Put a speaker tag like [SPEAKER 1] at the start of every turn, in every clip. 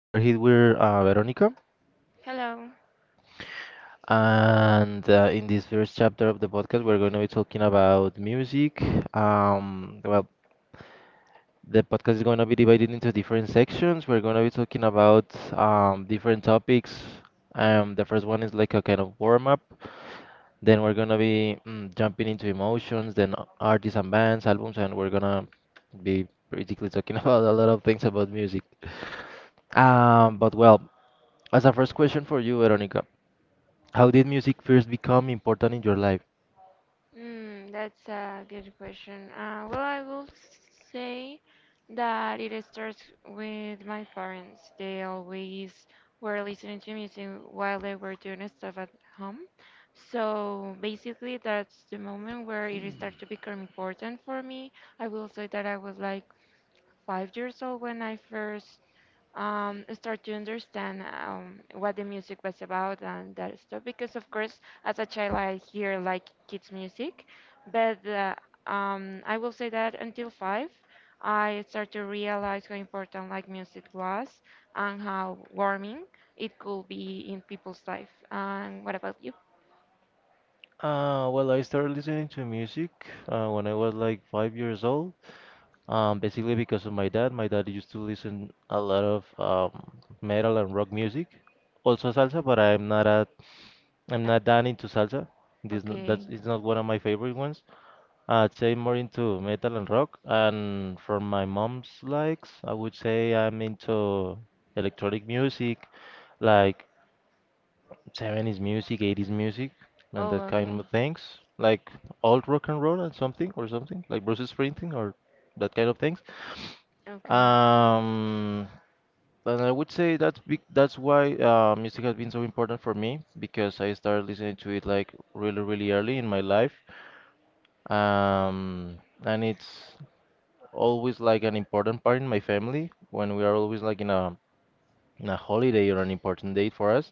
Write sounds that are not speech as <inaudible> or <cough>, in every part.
[SPEAKER 1] We are here with Veronica,
[SPEAKER 2] Hello.
[SPEAKER 1] and in this first chapter of the podcast, we're going to be talking about music. Um, well, the podcast is going to be divided into different sections. We're going to be talking about different topics. The first one is like a kind of warm up. Then we're going to be jumping into emotions, then artists and bands, albums, and we're gonna be basically talking <laughs> about a lot of things about music. Um, but well, As a first question for you, Veronica, how did music first become important in your life?
[SPEAKER 2] That's a good question. Well, I will say that it starts with my parents. They always were listening to music while they were doing stuff at home. So basically, that's the moment where it started to become important for me. I will say that I was like 5 years old when I first start to understand what the music was about and that stuff. Because of course, as a child, I hear like kids music, but I will say that until five, I start to realize how important like music was and how warming it could be in people's life. And what about you?
[SPEAKER 1] Well, I started listening to music when I was like 5 years old. Basically because of my dad. My dad used to listen a lot of metal and rock music, also salsa. But I'm
[SPEAKER 2] Uh,
[SPEAKER 1] not that into salsa. This not, that's
[SPEAKER 2] okay.
[SPEAKER 1] it's not one of my favorite ones. I'd say more into metal and rock. And from my mom's likes, I would say I'm into electronic music, like 70s music, 80s music, and
[SPEAKER 2] Oh,
[SPEAKER 1] that
[SPEAKER 2] okay.
[SPEAKER 1] kind of things, like old rock and roll and something, like Bruce Springsteen or that kind of things.
[SPEAKER 2] Okay.
[SPEAKER 1] Um, and I would say that's why music has been so important for me because I started listening to it like really, really early in my life. Um, and it's always like an important part in my family when we are always like in a holiday or an important date for us.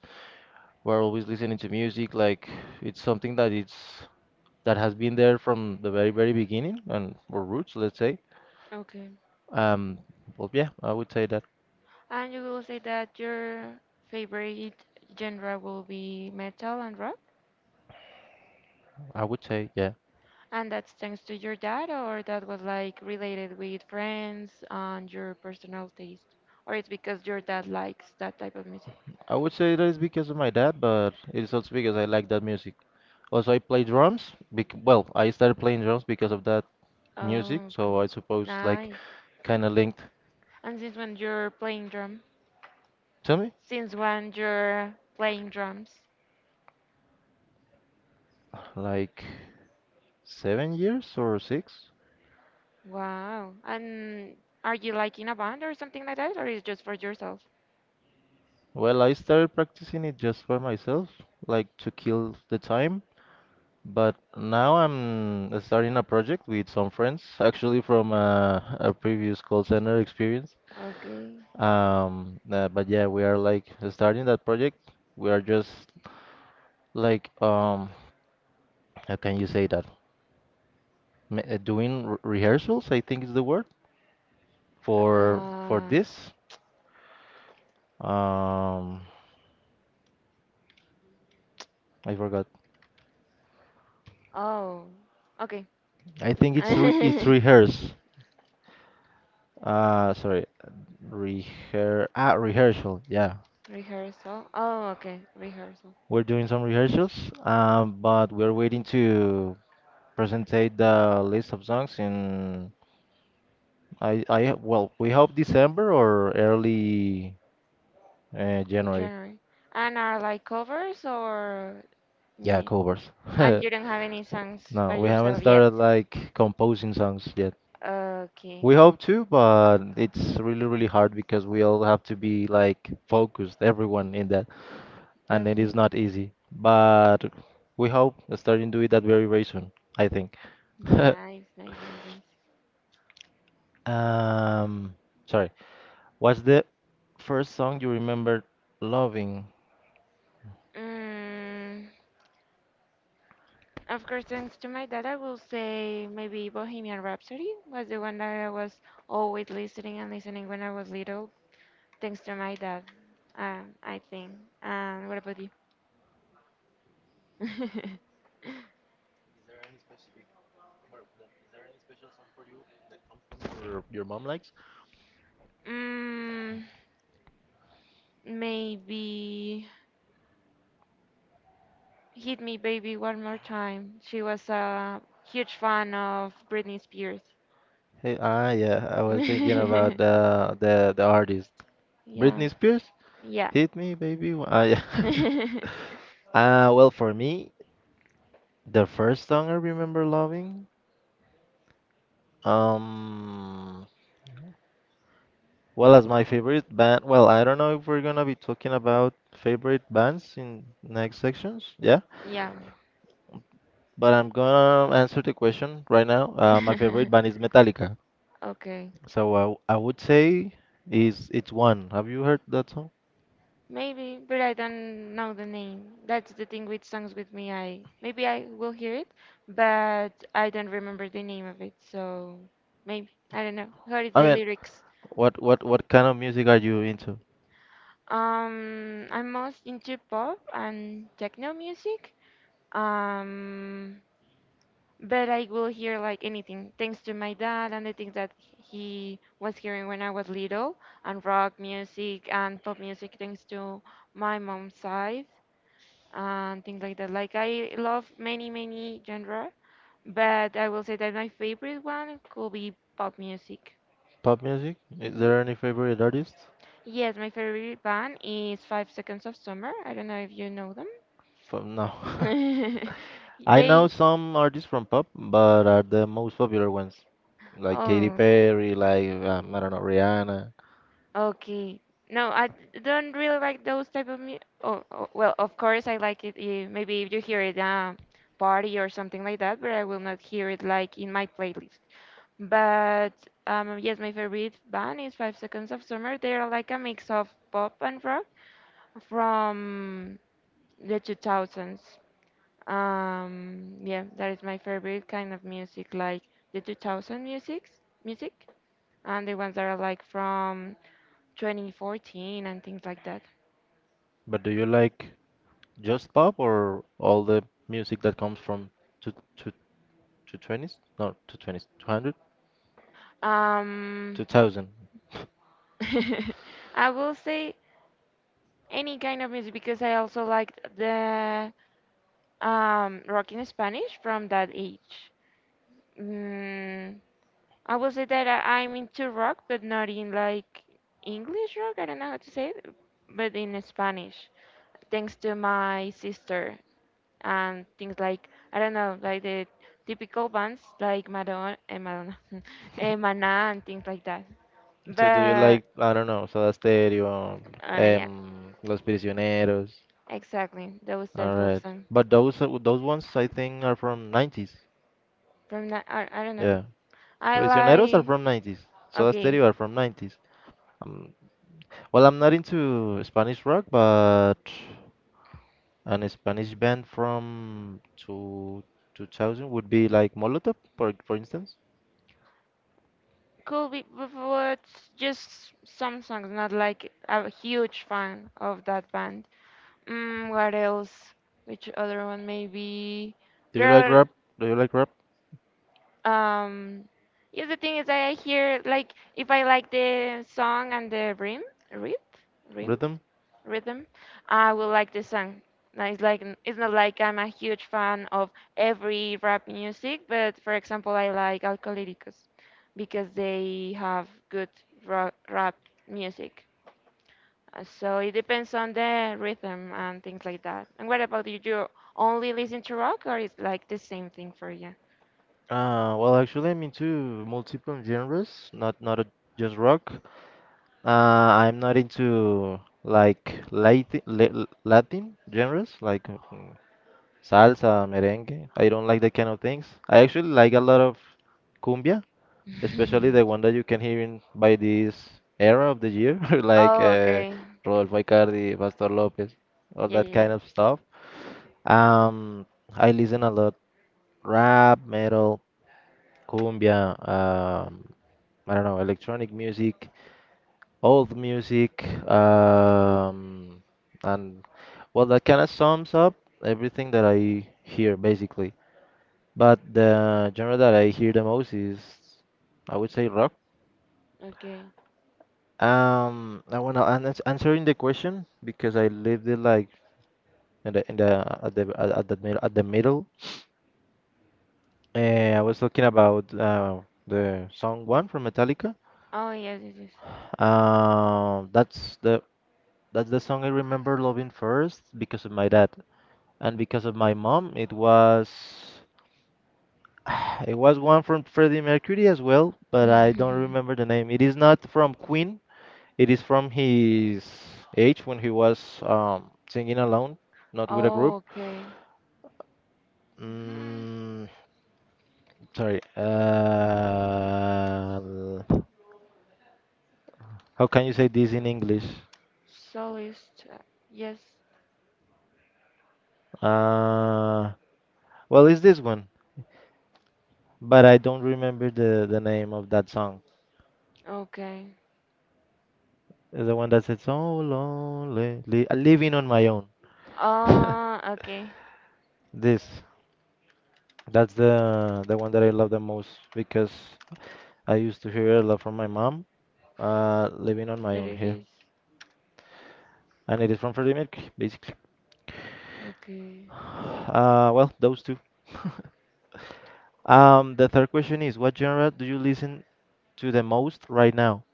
[SPEAKER 1] We're always listening to music, like it's something that it's that has been there from the very, very beginning and or roots, let's say.
[SPEAKER 2] Okay.
[SPEAKER 1] Um, well, yeah, I would say that.
[SPEAKER 2] And you will say that your favorite genre will be metal and rock?
[SPEAKER 1] I would say, yeah.
[SPEAKER 2] And that's thanks to your dad, or that was like related with friends and your personal taste? Or it's because your dad likes that type of music?
[SPEAKER 1] I would say that it's because of my dad, but it is also because I like that music. Also, I play drums. Bec Well, I started playing drums because of that music,
[SPEAKER 2] Oh,
[SPEAKER 1] so I
[SPEAKER 2] okay.
[SPEAKER 1] suppose like
[SPEAKER 2] Nice.
[SPEAKER 1] kind of linked
[SPEAKER 2] And since when you're playing drum?
[SPEAKER 1] to me,
[SPEAKER 2] Since when you're playing drums?
[SPEAKER 1] like 7 years or 6.
[SPEAKER 2] Wow. And are you like in a band or something like that, or is just for yourself?
[SPEAKER 1] Well, I started practicing it just for myself, like to kill the time. But now I'm starting a project with some friends, actually from a previous call center experience.
[SPEAKER 2] Okay.
[SPEAKER 1] But yeah, we are like starting that project. We are just like, how can you say that? Doing re rehearsals, I think is the word for
[SPEAKER 2] Uh,
[SPEAKER 1] this. Um, I forgot.
[SPEAKER 2] oh, okay.
[SPEAKER 1] I think it's re it's
[SPEAKER 2] <laughs>
[SPEAKER 1] rehearse. Sorry, rehearsal. Yeah,
[SPEAKER 2] Rehearsal. Oh, okay. Rehearsal.
[SPEAKER 1] we're doing some rehearsals, but we're waiting to presentate the list of songs in I well, we hope December or early January.
[SPEAKER 2] January. And are like covers or
[SPEAKER 1] Yeah,
[SPEAKER 2] me?
[SPEAKER 1] covers. <laughs>
[SPEAKER 2] And you don't have any songs by
[SPEAKER 1] No, we haven't
[SPEAKER 2] yourself yet?
[SPEAKER 1] started like composing songs yet.
[SPEAKER 2] Okay.
[SPEAKER 1] We hope to, but it's really, really hard because we all have to be like focused, everyone in that, and it is
[SPEAKER 2] Okay.
[SPEAKER 1] not easy. But we hope starting to do it that very, very soon, I think. <laughs>
[SPEAKER 2] Nice, nice, nice, nice.
[SPEAKER 1] Um, sorry. What's the first song you remember loving?
[SPEAKER 2] Mm, of course, thanks to my dad, I will say maybe Bohemian Rhapsody was the one that I was always listening and listening when I was little. Thanks to my dad, I think. And what about you?
[SPEAKER 1] Your mom likes?
[SPEAKER 2] <laughs> mm, Maybe. Hit Me Baby One More Time. She was a huge fan of Britney Spears.
[SPEAKER 1] Hey, ah, yeah. I
[SPEAKER 2] <laughs>
[SPEAKER 1] was thinking
[SPEAKER 2] Yeah,
[SPEAKER 1] about the artist, Britney Spears.
[SPEAKER 2] yeah,
[SPEAKER 1] Hit me, baby. <laughs> Yeah. <laughs>
[SPEAKER 2] <laughs>
[SPEAKER 1] Well, for me, the first song I remember loving, um, well, as my favorite band. Well, I don't know if we're gonna be talking about favorite bands in next sections. Yeah.
[SPEAKER 2] yeah.
[SPEAKER 1] But I'm gonna answer the question right now. My favorite band is
[SPEAKER 2] <laughs>
[SPEAKER 1] Metallica,
[SPEAKER 2] Okay,
[SPEAKER 1] so I would say is it's one. Have you heard that song?
[SPEAKER 2] maybe, but I don't know the name. That's the thing with songs with me. I Maybe I will hear it, but I don't remember the name of it. So maybe I don't know. What is
[SPEAKER 1] I
[SPEAKER 2] the
[SPEAKER 1] mean,
[SPEAKER 2] lyrics?
[SPEAKER 1] what kind of music are you into?
[SPEAKER 2] I'm most into pop and techno music. Um, but I will hear like anything thanks to my dad and the things that he was hearing when I was little, and rock music and pop music thanks to my mom's side and things like that. Like I love many genre, but I will say that my favorite one could be pop music.
[SPEAKER 1] Pop music? Is
[SPEAKER 2] Hmm.
[SPEAKER 1] there any favorite artists?
[SPEAKER 2] Yes, my favorite band is Five Seconds of Summer. I don't know if you know them.
[SPEAKER 1] From No, <laughs>
[SPEAKER 2] <laughs>
[SPEAKER 1] I know
[SPEAKER 2] They...
[SPEAKER 1] some artists from pop, but are the most popular ones, like Katy
[SPEAKER 2] Oh,
[SPEAKER 1] Perry, like I don't know, Rihanna.
[SPEAKER 2] okay. No, I don't really like those type of mu oh, oh, well, of course I like it. Maybe if you hear it party or something like that, but I will not hear it like in my playlist. But yes, my favorite band is Five Seconds of Summer. They are like a mix of pop and rock from the 2000s. Yeah, that is my favorite kind of music, like the 2000 music, and the ones that are like from 2014 and things like that.
[SPEAKER 1] But do you like just pop or all the music that comes from to to 20s? No, to 20s, 200?
[SPEAKER 2] Um,
[SPEAKER 1] 2000. <laughs>
[SPEAKER 2] <laughs> I will say any kind of music because I also liked the rock in Spanish from that age. Mm, I will say that I'm into rock, but not in like English rock. I don't know how to say it, but in Spanish, thanks to my sister and things like I don't know, like the typical bands like Madonna, Madonna, <laughs> Maná, and things like that.
[SPEAKER 1] So do you
[SPEAKER 2] But
[SPEAKER 1] like, I don't know, Soda Stereo,
[SPEAKER 2] yeah,
[SPEAKER 1] Los Prisioneros?
[SPEAKER 2] exactly. Those
[SPEAKER 1] All
[SPEAKER 2] type of
[SPEAKER 1] right.
[SPEAKER 2] song
[SPEAKER 1] But those ones I think are from 90s.
[SPEAKER 2] from that. I don't know.
[SPEAKER 1] Yeah.
[SPEAKER 2] I
[SPEAKER 1] Prisioneros are
[SPEAKER 2] like
[SPEAKER 1] from 90s. Soda
[SPEAKER 2] okay,
[SPEAKER 1] Stereo are from 90s. Um, well, I'm not into Spanish rock, but an Spanish band from 2000 would be like Molotov, for instance.
[SPEAKER 2] cool. But what? Just some songs. Not like a huge fan of that band. What else? Which other one? Maybe
[SPEAKER 1] Do you
[SPEAKER 2] there
[SPEAKER 1] like
[SPEAKER 2] are.
[SPEAKER 1] rap? Do you like rap
[SPEAKER 2] Um, yeah. The thing is, that I hear like if I like the song and the rhythm, rhythm, rhythm.
[SPEAKER 1] rhythm?
[SPEAKER 2] rhythm. I would like this song. Now, it's like it's not like I'm a huge fan of every rap music, but for example, I like Alcohólicos because they have good rap music. So it depends on the rhythm and things like that. And what about you? Do you only listen to rock, or is like the same thing for you?
[SPEAKER 1] Well, actually, I'm into multiple genres, not just rock. I'm not into like Latin Latin genres, like salsa, merengue. I don't like that kind of things. I actually like a lot of cumbia, especially the
[SPEAKER 2] <laughs>
[SPEAKER 1] one that you can hear in by this era of the year, <laughs> like
[SPEAKER 2] Oh, okay.
[SPEAKER 1] Rodolfo Icardi, Pastor Lopez, all
[SPEAKER 2] Yeah,
[SPEAKER 1] that kind
[SPEAKER 2] yeah,
[SPEAKER 1] of stuff. Um, I listen a lot rap, metal, cumbia. I don't know, electronic music, old music, and well, that kind of sums up everything that I hear basically. But the genre that I hear the most is, I would say, rock.
[SPEAKER 2] yeah. Okay.
[SPEAKER 1] I wanna and it's answering the question because I lived it like in the at the middle. I was talking about the song one from Metallica.
[SPEAKER 2] Oh, yes, yes,
[SPEAKER 1] Um, that's the that's the song I remember loving first because of my dad, and because of my mom, it was <sighs> it was one from Freddie Mercury as well, but I don't
[SPEAKER 2] yes. <laughs>
[SPEAKER 1] remember the name. It is not from Queen. It is from his age when he was singing alone, not with a
[SPEAKER 2] Oh,
[SPEAKER 1] group.
[SPEAKER 2] okay. Mhm.
[SPEAKER 1] Mm, Sorry. How can you say this in English?
[SPEAKER 2] Soloist. Yes.
[SPEAKER 1] Uh, well, it's this one, but I don't remember the name of that song.
[SPEAKER 2] Okay.
[SPEAKER 1] The one that said, so lonely, living on my own. <laughs>
[SPEAKER 2] Ah, okay.
[SPEAKER 1] This, that's the one that I love the most because I used to hear it a lot from my mom, living on my
[SPEAKER 2] There
[SPEAKER 1] own
[SPEAKER 2] it
[SPEAKER 1] here,
[SPEAKER 2] is.
[SPEAKER 1] and it is from Freddie Mercury, basically.
[SPEAKER 2] Okay.
[SPEAKER 1] <sighs> Well, those two. <laughs> The third question is, what genre do you listen to the most right now?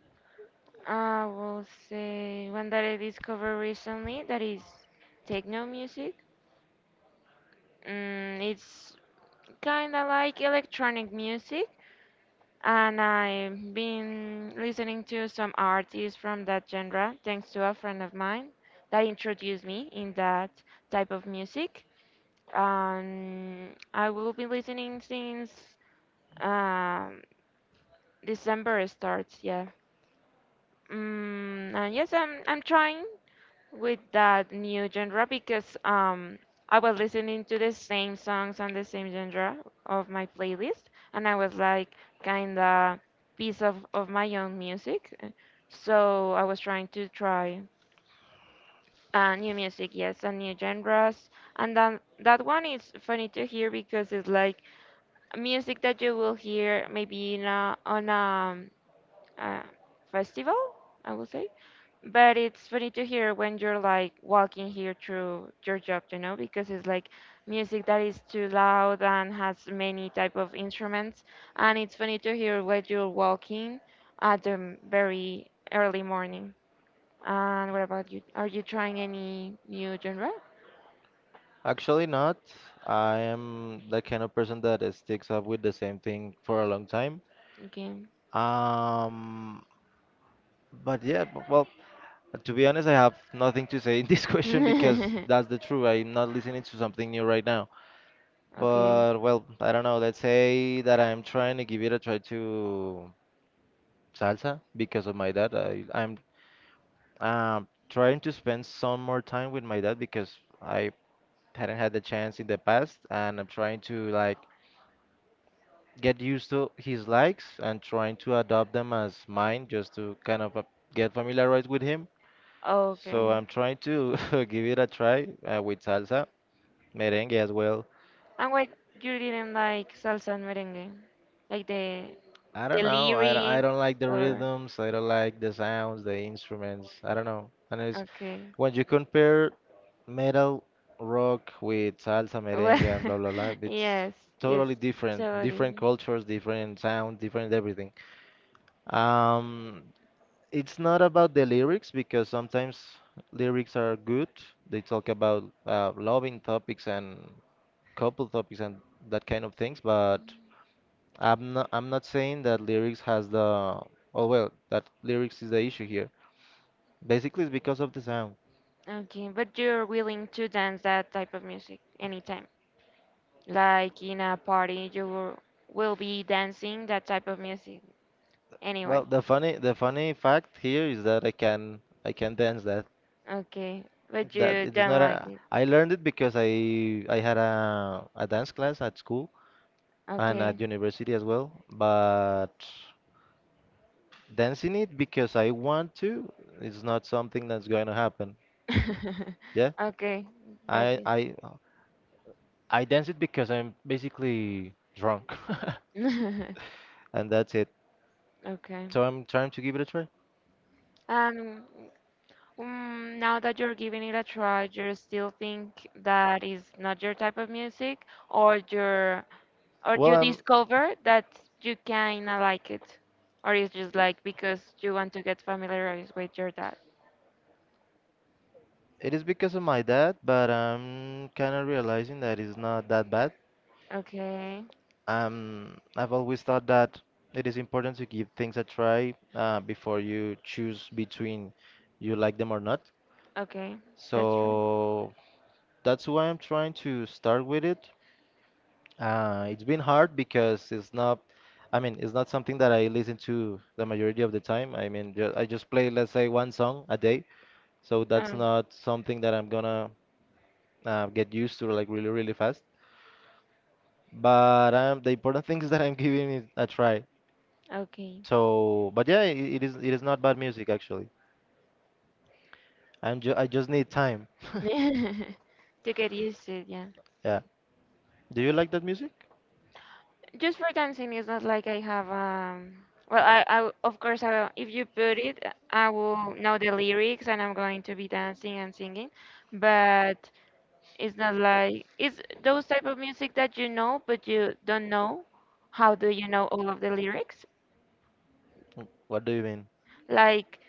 [SPEAKER 2] I will say one that I discovered recently that is techno music. It's kind of like electronic music, and I've been listening to some artists from that genre thanks to a friend of mine that introduced me in that type of music. I will be listening since Um, December starts, yeah. And yes, I'm trying with that new genre because I was listening to the same songs and the same genre of my playlist, and I was like kinda piece of my own music. So I was trying to try new music, yes, and new genres. And then that one is funny to hear because it's like music that you will hear maybe in a, on a uh, festival, I will say. But it's funny to hear when you're like walking here through your job, you know, because it's like music that is too loud and has many type of instruments, and it's funny to hear when you're walking at the very early morning. And what about you? Are you trying any new genre?
[SPEAKER 1] Actually, not. I am the kind of person that sticks up with the same thing for a long time.
[SPEAKER 2] Okay.
[SPEAKER 1] Um, but yeah, b- well, To be honest, I have nothing to say in this <laughs> question because that's the truth.
[SPEAKER 2] <laughs>
[SPEAKER 1] I'm not listening to something new right now.
[SPEAKER 2] Okay.
[SPEAKER 1] But well, I don't know. Let's say that I'm trying to give it a try to salsa because of my dad. I'm trying to spend some more time with my dad because I hadn't had the chance in the past, and I'm trying to like get used to his likes and trying to adopt them as mine just to kind of get familiarized with him. So
[SPEAKER 2] Okay.
[SPEAKER 1] I'm trying to <laughs> give it a try with salsa. Merengue as well.
[SPEAKER 2] And why you didn't like salsa and merengue? Like
[SPEAKER 1] I
[SPEAKER 2] the
[SPEAKER 1] don't know. I
[SPEAKER 2] lyrics
[SPEAKER 1] don't like the
[SPEAKER 2] or
[SPEAKER 1] rhythms. I don't like the sounds, the instruments. I don't know. And it's
[SPEAKER 2] okay.
[SPEAKER 1] when you compare metal rock with salsa,
[SPEAKER 2] Well,
[SPEAKER 1] merengue, and blah blah blah,
[SPEAKER 2] <laughs>
[SPEAKER 1] it's
[SPEAKER 2] yes, it's
[SPEAKER 1] totally different.
[SPEAKER 2] totally.
[SPEAKER 1] Different cultures, different sound, different everything. Um, it's not about the lyrics because sometimes lyrics are good. They talk about loving topics and couple topics and that kind of things, but I'm not saying that lyrics has the oh well that lyrics is the issue here. Basically, it's because of the sound.
[SPEAKER 2] Okay, but you're willing to dance that type of music anytime. Like in a party, you will be dancing that type of music anyway.
[SPEAKER 1] Well, the funny fact here is that I can dance that.
[SPEAKER 2] Okay, but
[SPEAKER 1] That
[SPEAKER 2] you
[SPEAKER 1] it is
[SPEAKER 2] don't
[SPEAKER 1] not
[SPEAKER 2] like
[SPEAKER 1] a
[SPEAKER 2] it.
[SPEAKER 1] I learned it because I had a dance class at school and at
[SPEAKER 2] Okay.
[SPEAKER 1] university as well, but dancing it because I want to is not something that's going to happen.
[SPEAKER 2] <laughs>
[SPEAKER 1] Yeah,
[SPEAKER 2] Okay, got
[SPEAKER 1] I
[SPEAKER 2] it.
[SPEAKER 1] I I dance it because I'm basically drunk,
[SPEAKER 2] <laughs>
[SPEAKER 1] <laughs> and that's it.
[SPEAKER 2] Okay.
[SPEAKER 1] So I'm trying to give it a try.
[SPEAKER 2] And now that you're giving it a try, you still think that is not your type of music, or your or
[SPEAKER 1] Well,
[SPEAKER 2] you
[SPEAKER 1] I'm.
[SPEAKER 2] discover that you kinda like it, or it's just like because you want to get familiarized with your dad.
[SPEAKER 1] It is because of my dad, but I'm kind of realizing that it's not that bad.
[SPEAKER 2] Okay,
[SPEAKER 1] I've always thought that it is important to give things a try before you choose between you like them or not.
[SPEAKER 2] okay, that's right.
[SPEAKER 1] So that's why I'm trying to start with it. It's been hard because it's not, I mean, it's not something that I listen to the majority of the time. I mean, ju I just play, let's say, 1 song a day. So that's
[SPEAKER 2] Um,
[SPEAKER 1] not something that I'm gonna get used to like really really fast. But the important <laughs> thing is that I'm giving it a try.
[SPEAKER 2] okay.
[SPEAKER 1] So, but yeah, it is not bad music actually. I just need time. <laughs>
[SPEAKER 2] <laughs> To get used to it, yeah.
[SPEAKER 1] Yeah. Do you like that music?
[SPEAKER 2] Just for dancing, it's not like I have Well, I of course, if you put it, I will know the lyrics and I'm going to be dancing and singing, but it's not like it's those type of music that you know but you don't know. How do you know all of the lyrics?
[SPEAKER 1] What do you mean?
[SPEAKER 2] Like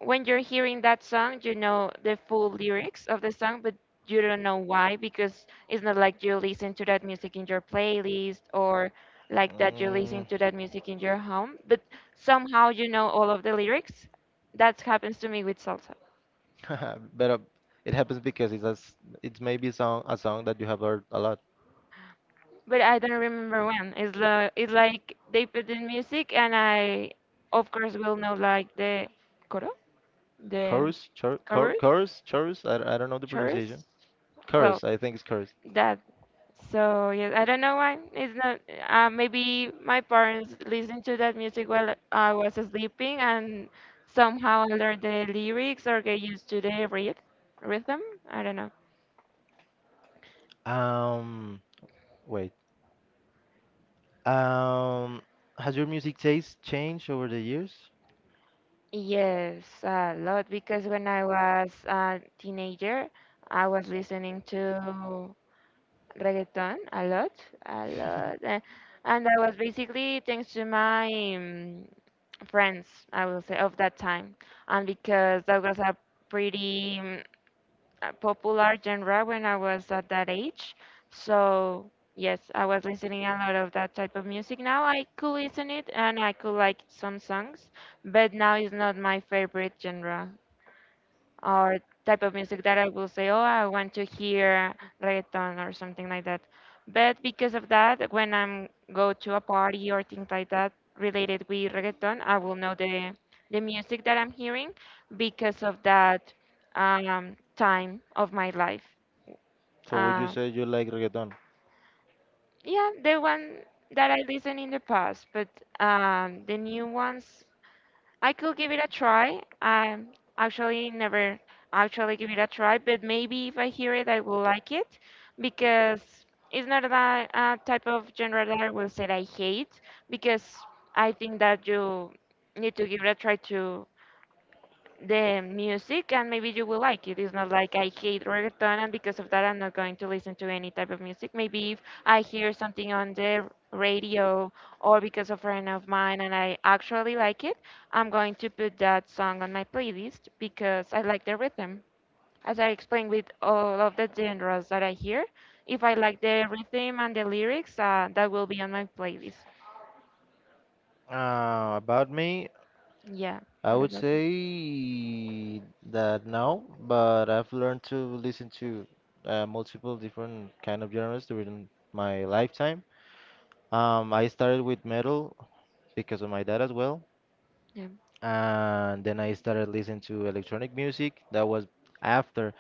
[SPEAKER 2] when you're hearing that song, you know the full lyrics of the song, but you don't know why because it's not like you listen to that music in your playlist or like that you listen
[SPEAKER 1] Mm,
[SPEAKER 2] to that music in your
[SPEAKER 1] <laughs>
[SPEAKER 2] home, but somehow you know all of the lyrics. That happens to me with salsa,
[SPEAKER 1] But it happens because it's it's maybe a song that you have heard a lot.
[SPEAKER 2] but I don't remember when. It's like they put in music, and I of course will know like the coro, the
[SPEAKER 1] Chorus,
[SPEAKER 2] chorus,
[SPEAKER 1] chorus. I don't know the
[SPEAKER 2] chorus.
[SPEAKER 1] pronunciation. Chorus,
[SPEAKER 2] Well,
[SPEAKER 1] I think it's chorus.
[SPEAKER 2] that. So yes, I don't know why it's not. Maybe my parents listened to that music while I was sleeping and somehow I learned the lyrics or get used to the rhythm. I don't know.
[SPEAKER 1] Um, wait. Um, has your music taste changed over the years?
[SPEAKER 2] Yes, a lot because when I was a teenager, I was listening to reggaeton a lot,
[SPEAKER 1] <laughs>
[SPEAKER 2] and that was basically thanks to my friends, I will say, of that time. And because that was a pretty popular genre when I was at that age. So, yes, I was listening a lot of that type of music. Now I could listen it and I could like some songs, but now it's not my favorite genre or type of music that I will say, oh, I want to hear reggaeton or something like that. But because of that, when I'm go to a party or things like that related with reggaeton, I will know the music that I'm hearing because of that time of my life.
[SPEAKER 1] So would you
[SPEAKER 2] Uh,
[SPEAKER 1] say you like reggaeton?
[SPEAKER 2] yeah, the one that I listened in the past, but the new ones I could give it a try. Actually never actually give it a try, but maybe if I hear it, I will like it because it's not that type of genre that I will say I hate because I think that you need to give it a try to the music and maybe you will like it. It's not like I hate reggaeton and because of that I'm not going to listen to any type of music. Maybe if I hear something on the radio or because of a friend of mine and I actually like it, I'm going to put that song on my playlist because I like the rhythm. As I explained with all of the genres that I hear, if I like the rhythm and the lyrics, that will be on my playlist.
[SPEAKER 1] About me,
[SPEAKER 2] Yeah.
[SPEAKER 1] I
[SPEAKER 2] What
[SPEAKER 1] would
[SPEAKER 2] about that?
[SPEAKER 1] say that now, but I've learned to listen to multiple different kind of genres during my lifetime. I started with metal because of my dad as well,
[SPEAKER 2] Yeah.
[SPEAKER 1] and then I started listening to electronic music. That was after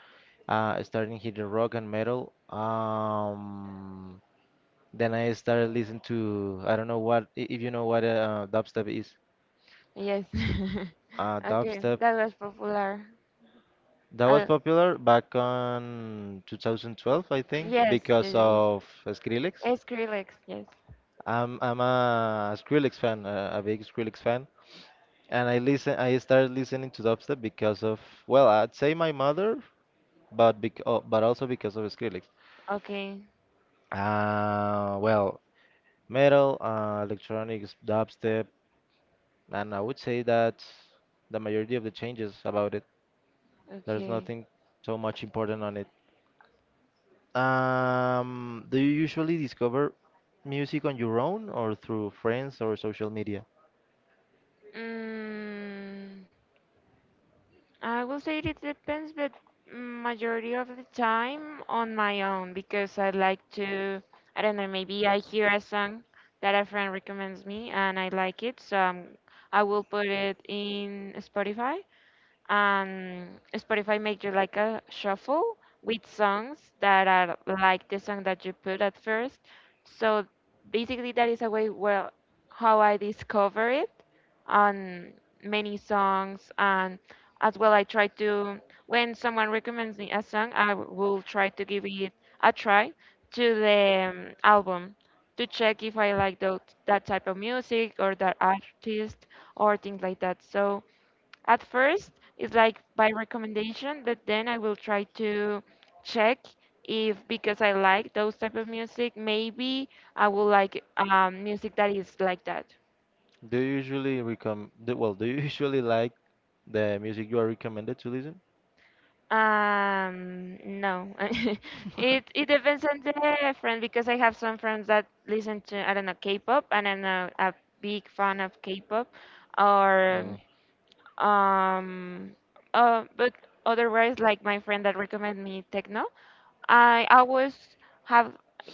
[SPEAKER 1] starting hitting rock and metal. Then I started listening to I don't know if you know what dubstep is.
[SPEAKER 2] Yes. <laughs> Okay,
[SPEAKER 1] Dubstep
[SPEAKER 2] that was popular.
[SPEAKER 1] that was
[SPEAKER 2] Uh,
[SPEAKER 1] popular back on 2012, I think,
[SPEAKER 2] yes,
[SPEAKER 1] because
[SPEAKER 2] yes.
[SPEAKER 1] of Skrillex.
[SPEAKER 2] Yes. Skrillex, yes.
[SPEAKER 1] I'm a Skrillex fan, a big Skrillex fan, and I listen. I started listening to dubstep because of well, I'd say my mother, but bec oh, but also because of Skrillex.
[SPEAKER 2] Okay,
[SPEAKER 1] Well, metal, electronics, dubstep, and I would say that the majority of the changes about it. There's
[SPEAKER 2] okay.
[SPEAKER 1] nothing so much important on it. Do you usually discover music on your own or through friends or social media?
[SPEAKER 2] Mm, I will say it depends, but majority of the time on my own because I like to, I don't know, maybe I hear a song that a friend recommends me and I like it, so I will put it in Spotify. And Spotify make you like a shuffle with songs that are like the song that you put at first. So basically, that is a way, well, how I discover it on many songs. And as well I try to, when someone recommends me a song, I will try to give it a try to the album to check if I like that type of music or that artist or things like that. So at first, it's like by recommendation, but then I will try to check if, because I like those type of music, maybe I will like music that is like that.
[SPEAKER 1] Do you usually recommend, Well, do you usually like the music you are recommended to listen?
[SPEAKER 2] No, <laughs> it
[SPEAKER 1] <laughs>
[SPEAKER 2] depends on the friend, because I have some friends that listen to, I don't know, K-pop, and I'm a big fan of K-pop, or
[SPEAKER 1] Mm.
[SPEAKER 2] um, but otherwise, like my friend that recommended me techno. I always have,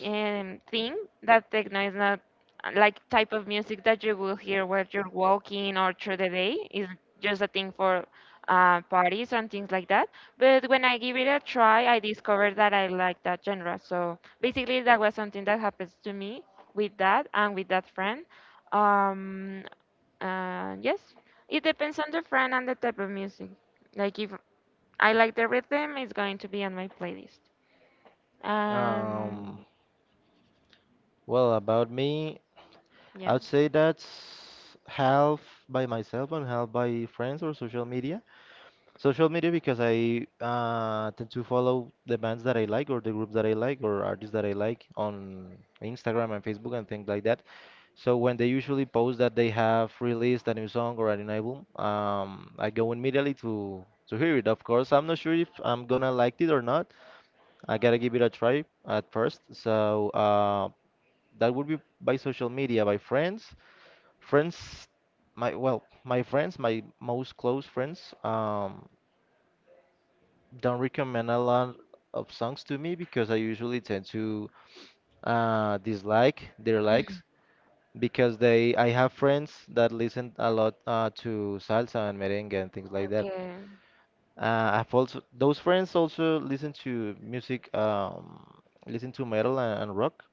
[SPEAKER 2] think that techno is not, like, type of music that you will hear while you're walking or through the day. It's just a thing for parties and things like that. But when I give it a try, I discovered that I like that genre. So basically, that was something that happens to me with that and with that friend. Um, yes, it depends on the friend and the type of music. Like, if I like the rhythm, it's going to be on my playlist.
[SPEAKER 1] Um,
[SPEAKER 2] Um,
[SPEAKER 1] well, about me,
[SPEAKER 2] yeah.
[SPEAKER 1] I would say that's half by myself and half by friends or social media. Social media because I tend to follow the bands that I like or the groups that I like or artists that I like on Instagram and Facebook and things like that. So when they usually post that they have released a new song or a new album, I go immediately to hear it. Of course, I'm not sure if I'm gonna like it or not. I gotta give it a try at first. So that would be by social media, by friends, my well, my friends, my most close friends. Don't recommend a lot of songs to me because I usually tend to dislike their likes because they I have friends that listen a lot to salsa and merengue and things like that.
[SPEAKER 2] Okay.
[SPEAKER 1] I've also those friends also listen to music, listen to metal and rock,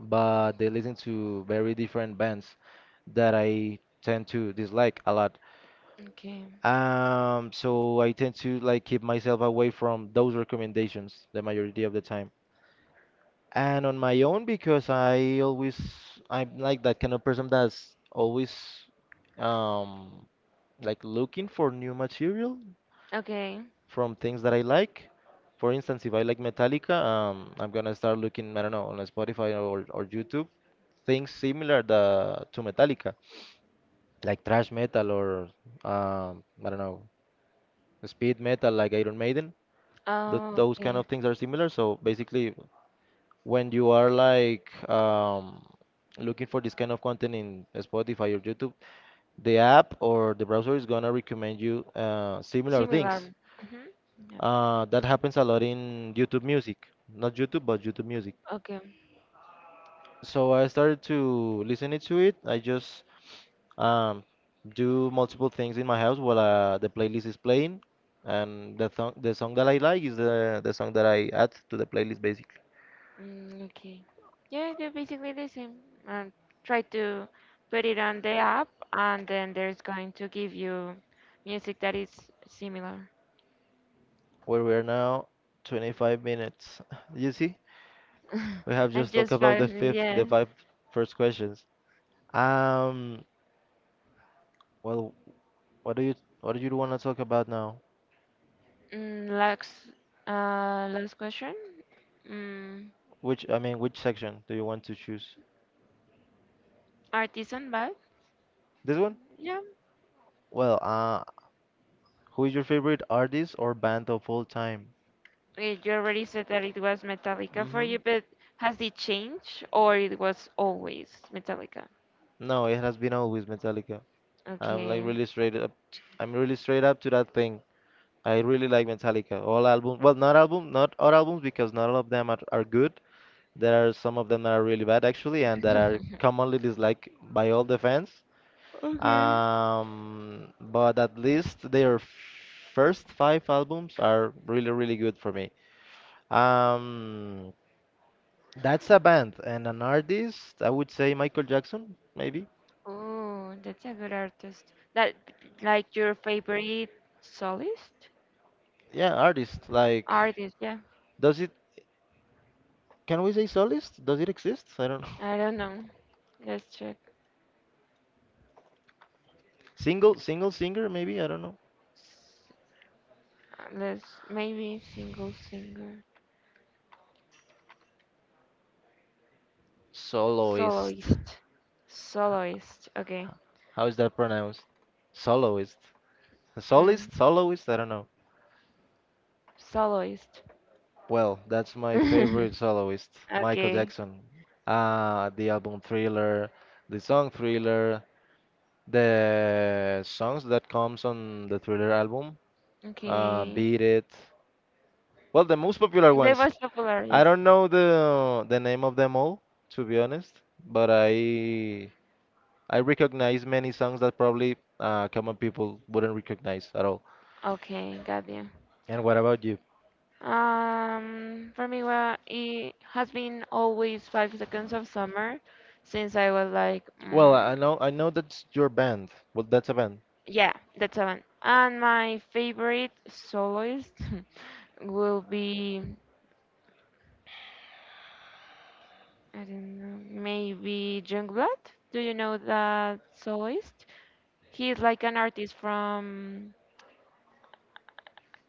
[SPEAKER 1] but they listen to very different bands that I tend to dislike a lot.
[SPEAKER 2] Okay.
[SPEAKER 1] So I tend to like keep myself away from those recommendations the majority of the time. And on my own because I always I'm like that kind of person that's always um like looking for new material
[SPEAKER 2] Okay.
[SPEAKER 1] from things that I like. For instance, if I like Metallica, I'm gonna start looking, I don't know, on Spotify or YouTube, things similar to Metallica, like thrash metal or I don't know, speed metal like Iron Maiden
[SPEAKER 2] Oh,
[SPEAKER 1] those kind of
[SPEAKER 2] okay.
[SPEAKER 1] things are similar. So basically, when you are like looking for this kind of content in Spotify or YouTube, the app or the browser is gonna recommend you similar things.
[SPEAKER 2] Similar. Mm-hmm. Yeah.
[SPEAKER 1] That happens a lot in YouTube Music, not YouTube, but YouTube Music.
[SPEAKER 2] Okay.
[SPEAKER 1] So I started to listen to it. I just um, do multiple things in my house while the playlist is playing, and the song that I like is the song that I add to the playlist basically.
[SPEAKER 2] Mm, okay. Yeah, they're basically the same. Um, try to put it on the app, and then there's going to give you music that is similar.
[SPEAKER 1] Where we are now, 25 minutes. <laughs> You see? We have
[SPEAKER 2] <laughs> And
[SPEAKER 1] just talked
[SPEAKER 2] just
[SPEAKER 1] about
[SPEAKER 2] five,
[SPEAKER 1] the
[SPEAKER 2] yes.
[SPEAKER 1] 5 first questions. Um, well, what do you what do you want to talk about now?
[SPEAKER 2] Mm, last, last question. Mm,
[SPEAKER 1] Which I mean, which section do you want to choose?
[SPEAKER 2] artisan vibe.
[SPEAKER 1] This one?
[SPEAKER 2] Yeah.
[SPEAKER 1] Well, who is your favorite artist or band of all time?
[SPEAKER 2] Eh, you already said that it was Metallica for
[SPEAKER 1] Mm-hmm.
[SPEAKER 2] you, but has it changed, or it was always Metallica?
[SPEAKER 1] No, it has been always Metallica. I'm like
[SPEAKER 2] Okay.
[SPEAKER 1] really straight up. I'm really straight up to that thing. I really like Metallica. All albums, well, not album, not all albums because not all of them are good. There are some of them that are really bad actually, and that are commonly disliked by all the fans. But at least their first 5 albums are really, really good for me. Um, that's a band and an artist. I would say Michael Jackson, maybe.
[SPEAKER 2] Oh, that's a good artist. That, like, your favorite soloist
[SPEAKER 1] Yeah, artist. Like,
[SPEAKER 2] artist? Yeah,
[SPEAKER 1] does it? Can we say soloist? Does it exist? I don't know.
[SPEAKER 2] I
[SPEAKER 1] <laughs>
[SPEAKER 2] don't know. Let's check.
[SPEAKER 1] Single, single singer, maybe. I don't know.
[SPEAKER 2] S- Let's, maybe, single singer,
[SPEAKER 1] Soloist.
[SPEAKER 2] soloist, soloist. Okay,
[SPEAKER 1] How is that pronounced? Soloist.
[SPEAKER 2] mm,
[SPEAKER 1] Solist, soloist. I don't know.
[SPEAKER 2] soloist.
[SPEAKER 1] Well, that's my favorite
[SPEAKER 2] <laughs>
[SPEAKER 1] soloist, Michael
[SPEAKER 2] Okay,
[SPEAKER 1] Jackson. The album Thriller, the song Thriller, the songs that comes on the Thriller album,
[SPEAKER 2] okay.
[SPEAKER 1] Beat It. Well, the most popular
[SPEAKER 2] They was,
[SPEAKER 1] ones. I
[SPEAKER 2] yes.
[SPEAKER 1] don't know the name of them all, to be honest, but I recognize many songs that probably common people wouldn't recognize at all.
[SPEAKER 2] Okay, got you.
[SPEAKER 1] And what about you?
[SPEAKER 2] For me, well, it has been always five seconds of summer since I was like,
[SPEAKER 1] Well,
[SPEAKER 2] mm,
[SPEAKER 1] I know that's your band. Well, that's a band.
[SPEAKER 2] yeah, that's the one. And my favorite soloist <laughs> will be, I don't know, maybe Jungblat. Do you know that soloist? He's like an artist from,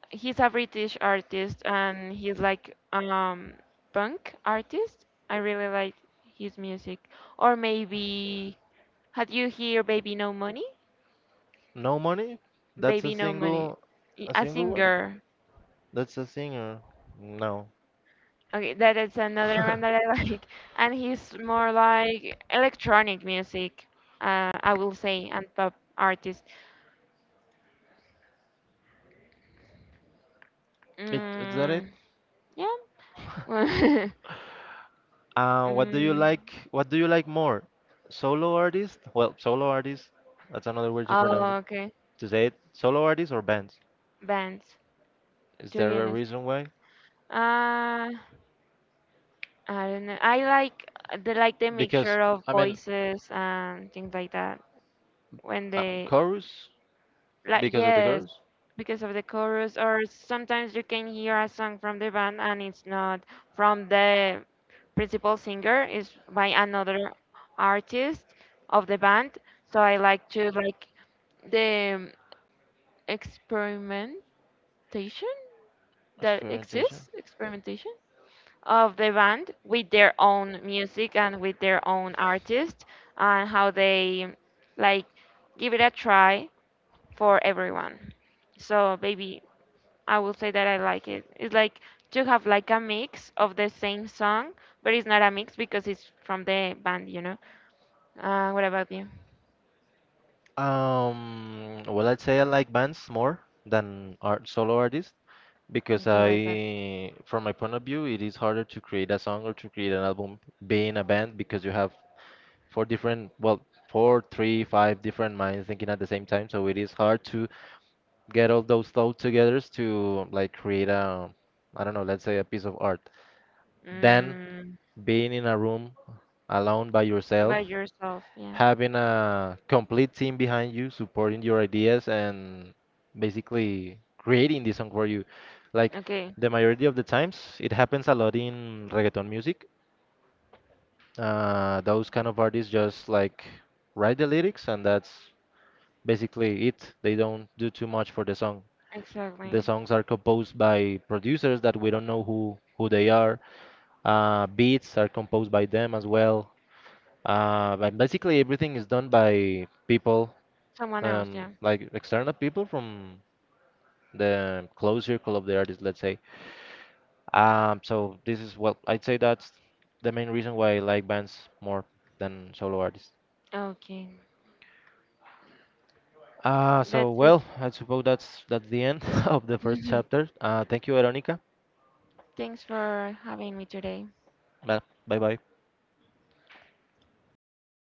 [SPEAKER 2] he's a British artist, and he's like, um, punk artist. I really like his music. Or maybe, had you hear Baby No Money?
[SPEAKER 1] No money? That's
[SPEAKER 2] Baby No Money.
[SPEAKER 1] a
[SPEAKER 2] A
[SPEAKER 1] single one?
[SPEAKER 2] singer.
[SPEAKER 1] That's a singer. No.
[SPEAKER 2] Okay, that is another one that I
[SPEAKER 1] <laughs>
[SPEAKER 2] like. <laughs> And he's more like electronic music, I will say, and pop artist.
[SPEAKER 1] It, is that it?
[SPEAKER 2] Mm, yeah.
[SPEAKER 1] <laughs>
[SPEAKER 2] <laughs>
[SPEAKER 1] What do you
[SPEAKER 2] Mm.
[SPEAKER 1] like? What do you like more? Solo artist? Well, solo artist. That's another way to pronounce it.
[SPEAKER 2] Oh, okay.
[SPEAKER 1] To say it, solo artist or bands?
[SPEAKER 2] Bands.
[SPEAKER 1] Is
[SPEAKER 2] To be
[SPEAKER 1] there a
[SPEAKER 2] honest.
[SPEAKER 1] reason why?
[SPEAKER 2] Uh, I don't know. I like the, like, the
[SPEAKER 1] Because
[SPEAKER 2] mixture of
[SPEAKER 1] I mean,
[SPEAKER 2] voices and things like that. When they,
[SPEAKER 1] chorus
[SPEAKER 2] like,
[SPEAKER 1] because of the
[SPEAKER 2] yes,
[SPEAKER 1] chorus
[SPEAKER 2] because of the chorus, or sometimes you can hear a song from the band and it's not from the principal singer, it's by another artist of the band. So I like to, like, the experimentation that
[SPEAKER 1] experimentation.
[SPEAKER 2] exists, experimentation, of the band with their own music and with their own artist, and how they, like, give it a try for everyone. So maybe I will say that I like it. It's like to have like a mix of the same song, but it's not a mix because it's from the band, you know. What about you?
[SPEAKER 1] Well, I'd say I like bands more than art solo artists because
[SPEAKER 2] Okay, what is that?
[SPEAKER 1] I, from my point of view, it is harder to create a song or to create an album being a band because you have four different, well, four, three, five different minds thinking at the same time. So it is hard to get all those thoughts together to like create a, I don't know, let's say a piece of art. Than
[SPEAKER 2] Mm,
[SPEAKER 1] being in a room alone by yourself
[SPEAKER 2] by yourself, yeah.
[SPEAKER 1] having a complete team behind you supporting your ideas and basically creating this song for you like
[SPEAKER 2] Okay,
[SPEAKER 1] the majority of the times. It happens a lot in reggaeton music, those kind of artists just like write the lyrics and that's basically it. They don't do too much for the song.
[SPEAKER 2] exactly.
[SPEAKER 1] The songs are composed by producers that we don't know who they are. Beats are composed by them as well. But basically everything is done by people,
[SPEAKER 2] Someone else, yeah.
[SPEAKER 1] like external people from the close circle of the artist, let's say. So this is what I'd say that's the main reason why I like bands more than solo artists.
[SPEAKER 2] Okay,
[SPEAKER 1] So
[SPEAKER 2] that's it.
[SPEAKER 1] well, I suppose that's the end <laughs> of the first
[SPEAKER 2] <laughs>
[SPEAKER 1] chapter. Thank you, Veronica.
[SPEAKER 2] Thanks for having me today.
[SPEAKER 1] Bye bye.